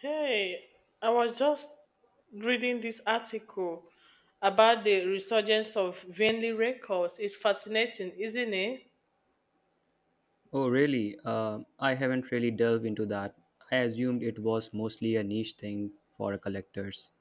Hey, I was just reading this article about the resurgence of Vinley records. It's fascinating, isn't it? Oh, really? I haven't really delved into that. I assumed it was mostly a niche thing for collectors.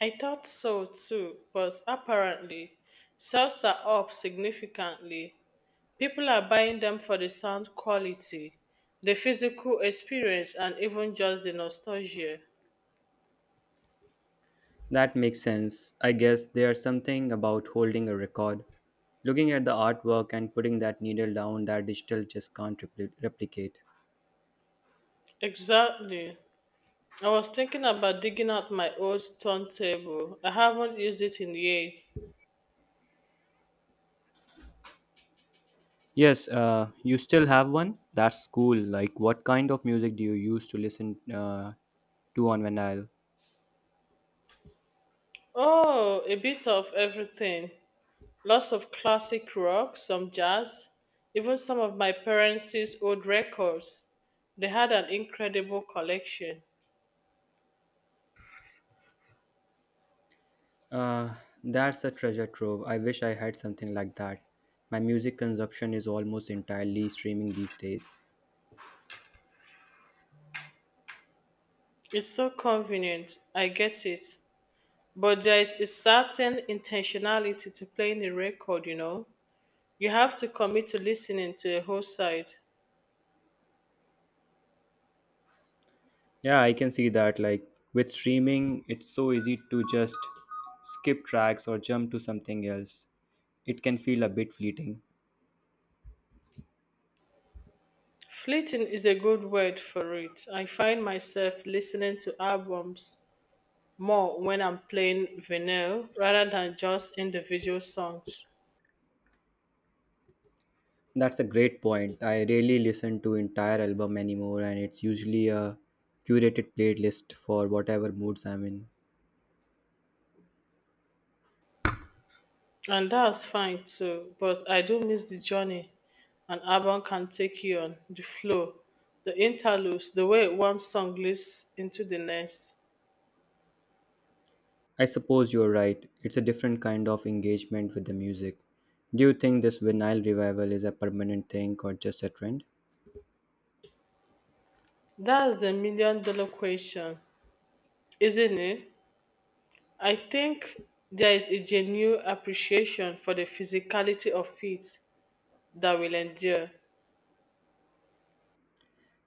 I thought so too, but apparently sales are up significantly. People are buying them for the sound quality, the physical experience, and even just the nostalgia. That makes sense. I guess there's something about holding a record, looking at the artwork, and putting that needle down that digital just can't replicate. Exactly. I was thinking about digging out my old turntable. I haven't used it in years. Yes, you still have one? That's cool. Like, what kind of music do you use to listen to on vinyl? Oh, a bit of everything. Lots of classic rock, some jazz, even some of my parents' old records. They had an incredible collection. Uh, that's a treasure trove. I wish I had something like that. My music consumption is almost entirely streaming these days. It's so convenient, I get it. But there is a certain intentionality to playing a record, you know. You have to commit to listening to a whole side. Yeah, I can see that. Like with streaming, it's so easy to just skip tracks or jump to something else. It can feel a bit fleeting. Fleeting is a good word for it. I find myself listening to albums more when I'm playing vinyl rather than just individual songs. That's a great point. I rarely listen to entire album anymore, and it's usually a curated playlist for whatever moods I'm in. And that's fine too, but I do miss the journey an album can take you on, the flow, the interludes, the way one song leads into the next. I suppose you're right. It's a different kind of engagement with the music. Do you think this vinyl revival is a permanent thing or just a trend? That's the million dollar question, isn't it? I think there is a genuine appreciation for the physicality of it that will endure.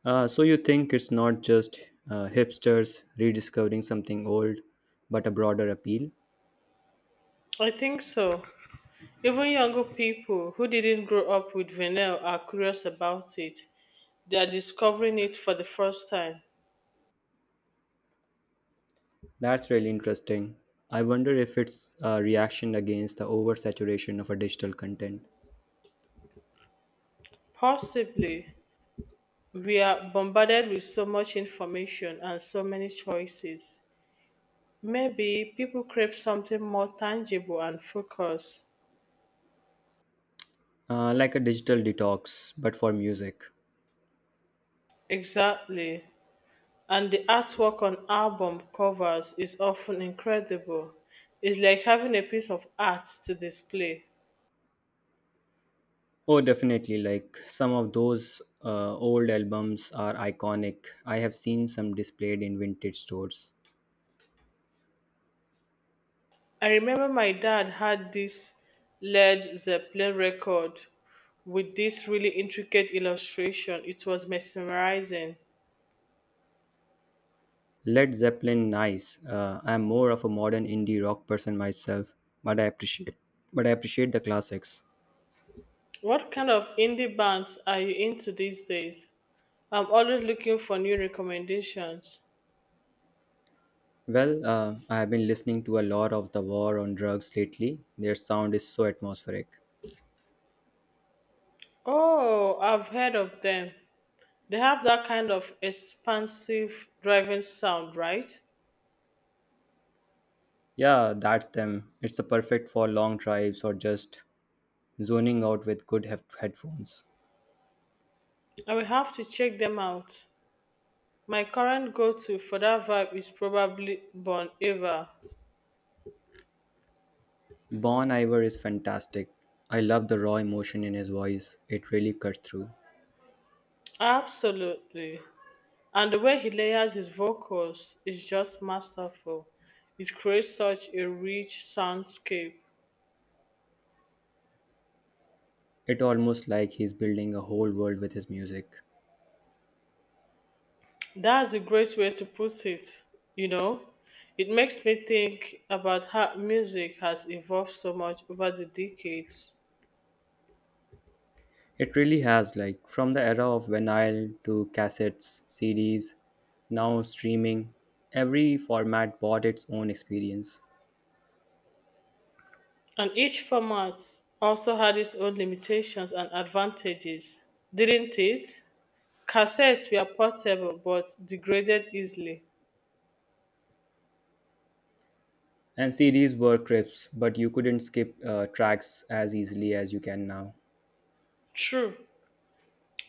So you think it's not just hipsters rediscovering something old, but a broader appeal? I think so. Even younger people who didn't grow up with vinyl are curious about it. They are discovering it for the first time. That's really interesting. I wonder if it's a reaction against the oversaturation of a digital content, Possibly, we are bombarded with so much information and so many choices. Maybe people crave something more tangible and focused. Like a digital detox, but for music. Exactly. And the artwork on album covers is often incredible. It's like having a piece of art to display. Oh, definitely. Like some of those old albums are iconic. I have seen some displayed in vintage stores. I remember my dad had this Led Zeppelin record with this really intricate illustration. It was mesmerizing. Led Zeppelin, nice. I'm more of a modern indie rock person myself, but I appreciate the classics. What kind of indie bands are you into these days? I'm always looking for new recommendations. Well, I have been listening to a lot of the War on Drugs lately. Their sound is so atmospheric. Oh, I've heard of them. They have that kind of expansive driving sound, right? Yeah, that's them. It's a perfect for long drives or just zoning out with good headphones. I will have to check them out. My current go to for that vibe is probably Bon Iver. Bon Iver is fantastic. I love the raw emotion in his voice. It really cuts through. Absolutely. And the way he layers his vocals is just masterful. It creates such a rich soundscape. It almost like he's building a whole world with his music. That's a great way to put it, you know? It makes me think about how music has evolved so much over the decades. It really has like from the era of vinyl to cassettes, CDs, now streaming. Every format bought its own experience. And each format also had its own limitations and advantages, didn't it? Cassettes were portable but degraded easily. And CDs were crisps, but you couldn't skip tracks as easily as you can now. True.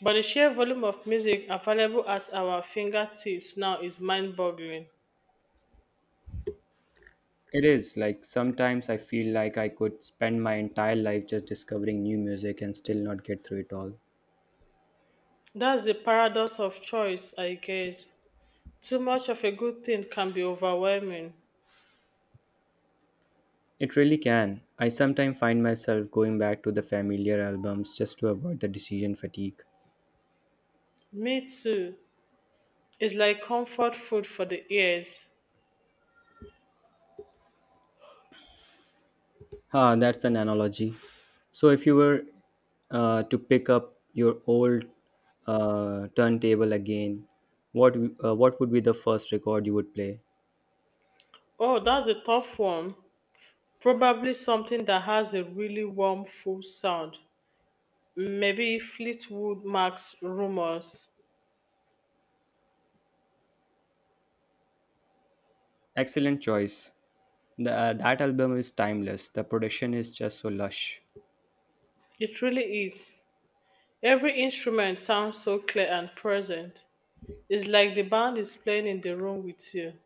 But the sheer volume of music available at our fingertips now is mind boggling. It is like sometimes I feel like I could spend my entire life just discovering new music and still not get through it all. That's the paradox of choice, I guess. Too much of a good thing can be overwhelming. It really can. I sometimes find myself going back to the familiar albums just to avoid the decision fatigue. Me too. It's like comfort food for the ears. Ah, that's an analogy. So, if you were to pick up your old turntable again, what would be the first record you would play? Oh, that's a tough one. Probably something that has a really warm, full sound. Maybe Fleetwood Mac's Rumors. Excellent choice. The, that album is timeless. The production is just so lush. It really is. Every instrument sounds so clear and present. It's like the band is playing in the room with you.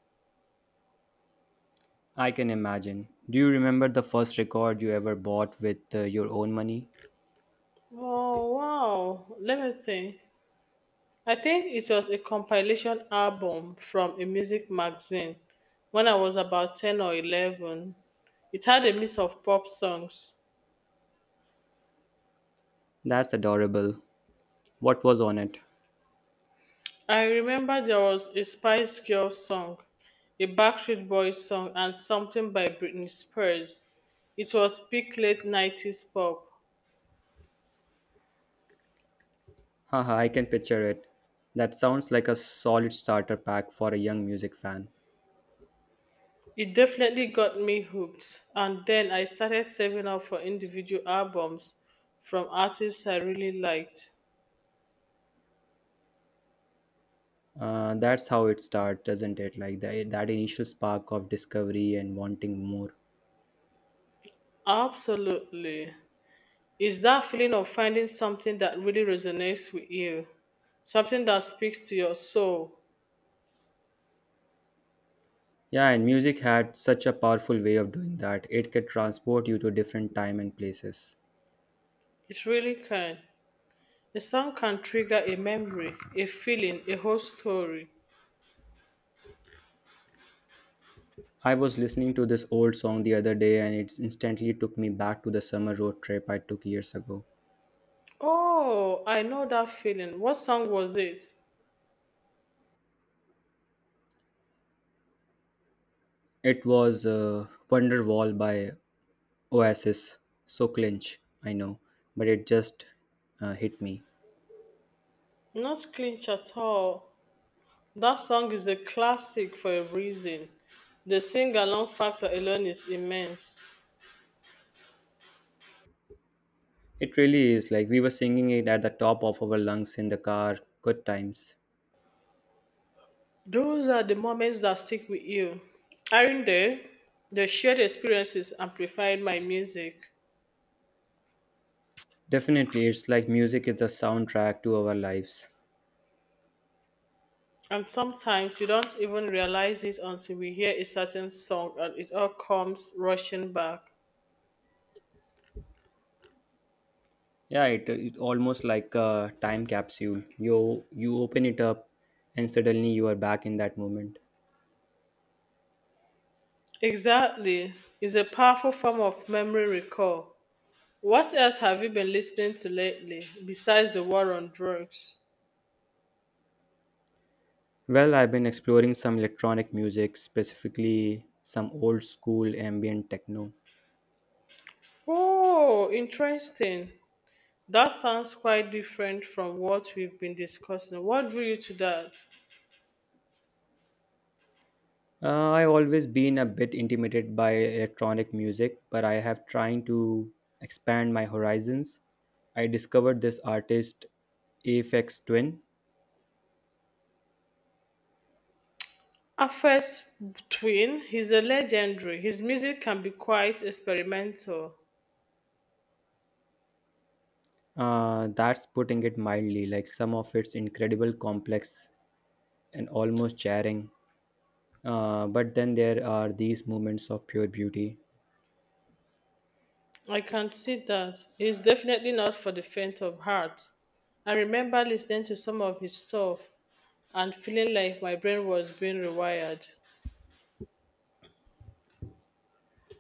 I can imagine. Do you remember the first record you ever bought with your own money? Oh wow. Let me think. I think it was a compilation album from a music magazine when I was about 10 or 11. It had a mix of pop songs. That's adorable. What was on it? I remember there was a Spice Girl song, a Backstreet Boys song, and something by Britney Spears. It was peak late 90s pop. Haha, I can picture it. That sounds like a solid starter pack for a young music fan. It definitely got me hooked, and then I started saving up for individual albums from artists I really liked. That's how it starts, doesn't it? Like that initial spark of discovery and wanting more. Absolutely. It's that feeling of finding something that really resonates with you, something that speaks to your soul. Yeah, and music had such a powerful way of doing that. It could transport you to different time and places. It really can. A song can trigger a memory, a feeling, a whole story. I was listening to this old song the other day and it instantly took me back to the summer road trip I took years ago. Oh, I know that feeling. What song was it? It was Wonderwall by Oasis. So clinch, I know, but it just hit me. Not clinch at all. That song is a classic for a reason. The sing along factor alone is immense. It really is like we were singing it at the top of our lungs in the car. Good times. Those are the moments that stick with you. Aren't they? The shared experiences amplified my music. Definitely, it's like music is the soundtrack to our lives. And sometimes you don't even realize it until we hear a certain song and it all comes rushing back. Yeah, it almost like a time capsule. You open it up, and suddenly you are back in that moment. Exactly. It's a powerful form of memory recall. What else have you been listening to lately besides the war on drugs? Well, I've been exploring some electronic music, specifically some old school ambient techno. Oh, interesting. That sounds quite different from what we've been discussing. What drew you to that? I've always been a bit intimidated by electronic music, but I have trying to expand my horizons. I discovered this artist, Aphex Twin. Afes twin, he's a legendary. His music can be quite experimental. That's putting it mildly. Like some of its incredible complex and almost jarring. But then there are these moments of pure beauty. I can see that. He's definitely not for the faint of heart. I remember listening to some of his stuff and feeling like my brain was being rewired.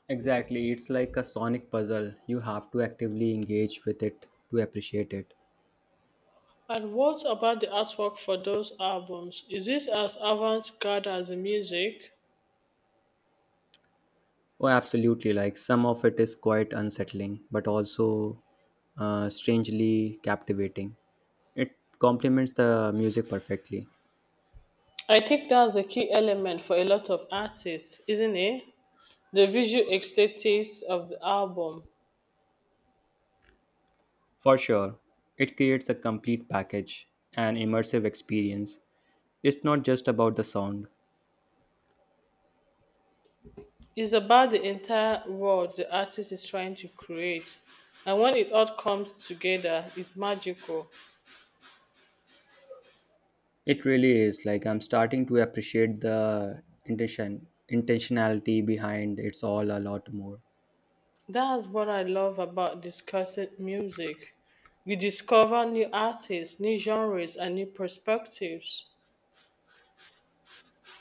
Exactly, it's like a sonic puzzle. You have to actively engage with it to appreciate it. And what about the artwork for those albums? Is it as avant garde as the music? Oh, absolutely. Like some of it is quite unsettling, but also strangely captivating. It complements the music perfectly. I think that's a key element for a lot of artists, isn't it? The visual aesthetics of the album For sure, it creates a complete package, an immersive experience. It's not just about the sound. is about the entire world the artist is trying to create. And when it all comes together, it's magical. It really is. Like I'm starting to appreciate the intentionality behind it's all a lot more. That's what I love about discussing music. We discover new artists, new genres, and new perspectives.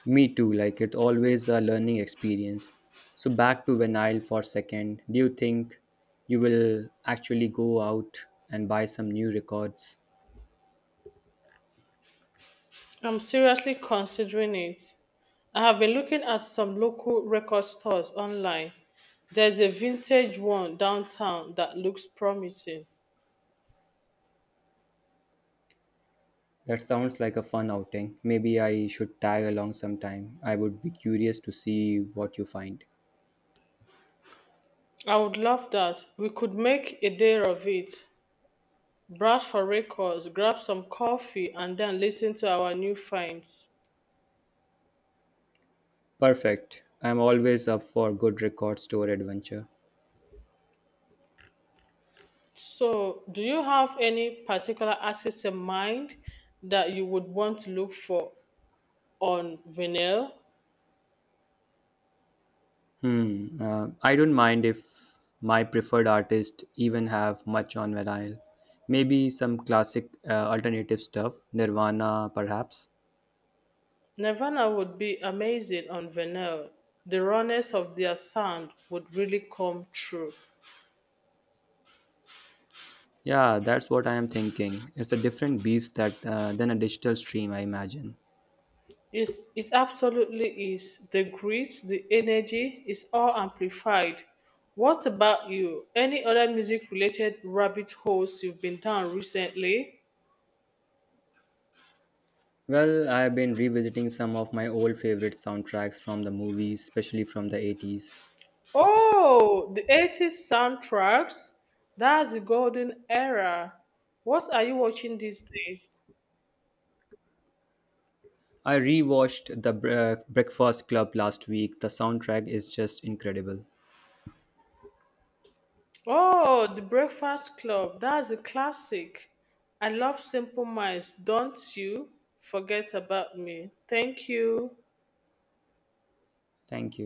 Me too, like it's always a learning experience. So back to vinyl for a second. Do you think you will actually go out and buy some new records? I'm seriously considering it. I have been looking at some local record stores online. There's a vintage one downtown that looks promising. That sounds like a fun outing. Maybe I should tag along sometime. I would be curious to see what you find. I would love that. We could make a day of it. Browse for records, grab some coffee, and then listen to our new finds. Perfect. I'm always up for good record store adventure. So, do you have any particular artist in mind that you would want to look for on vinyl? Hmm. I don't mind if my preferred artist even have much on vinyl. Maybe some classic alternative stuff, Nirvana, perhaps. Nirvana would be amazing on vinyl. The rawness of their sound would really come through. Yeah, that's what I am thinking. It's a different beast that than a digital stream, I imagine. It absolutely is. The grit, the energy is all amplified. What about you? Any other music related rabbit holes you've been down recently? Well, I have been revisiting some of my old favorite soundtracks from the movies, especially from the '80s. Oh, the 80s soundtracks. That's the golden era. What are you watching these days? I rewatched the Breakfast Club last week. The soundtrack is just incredible. Oh, The Breakfast Club. That's a classic. I love Simple Minds. Don't you forget about me. Thank you. Thank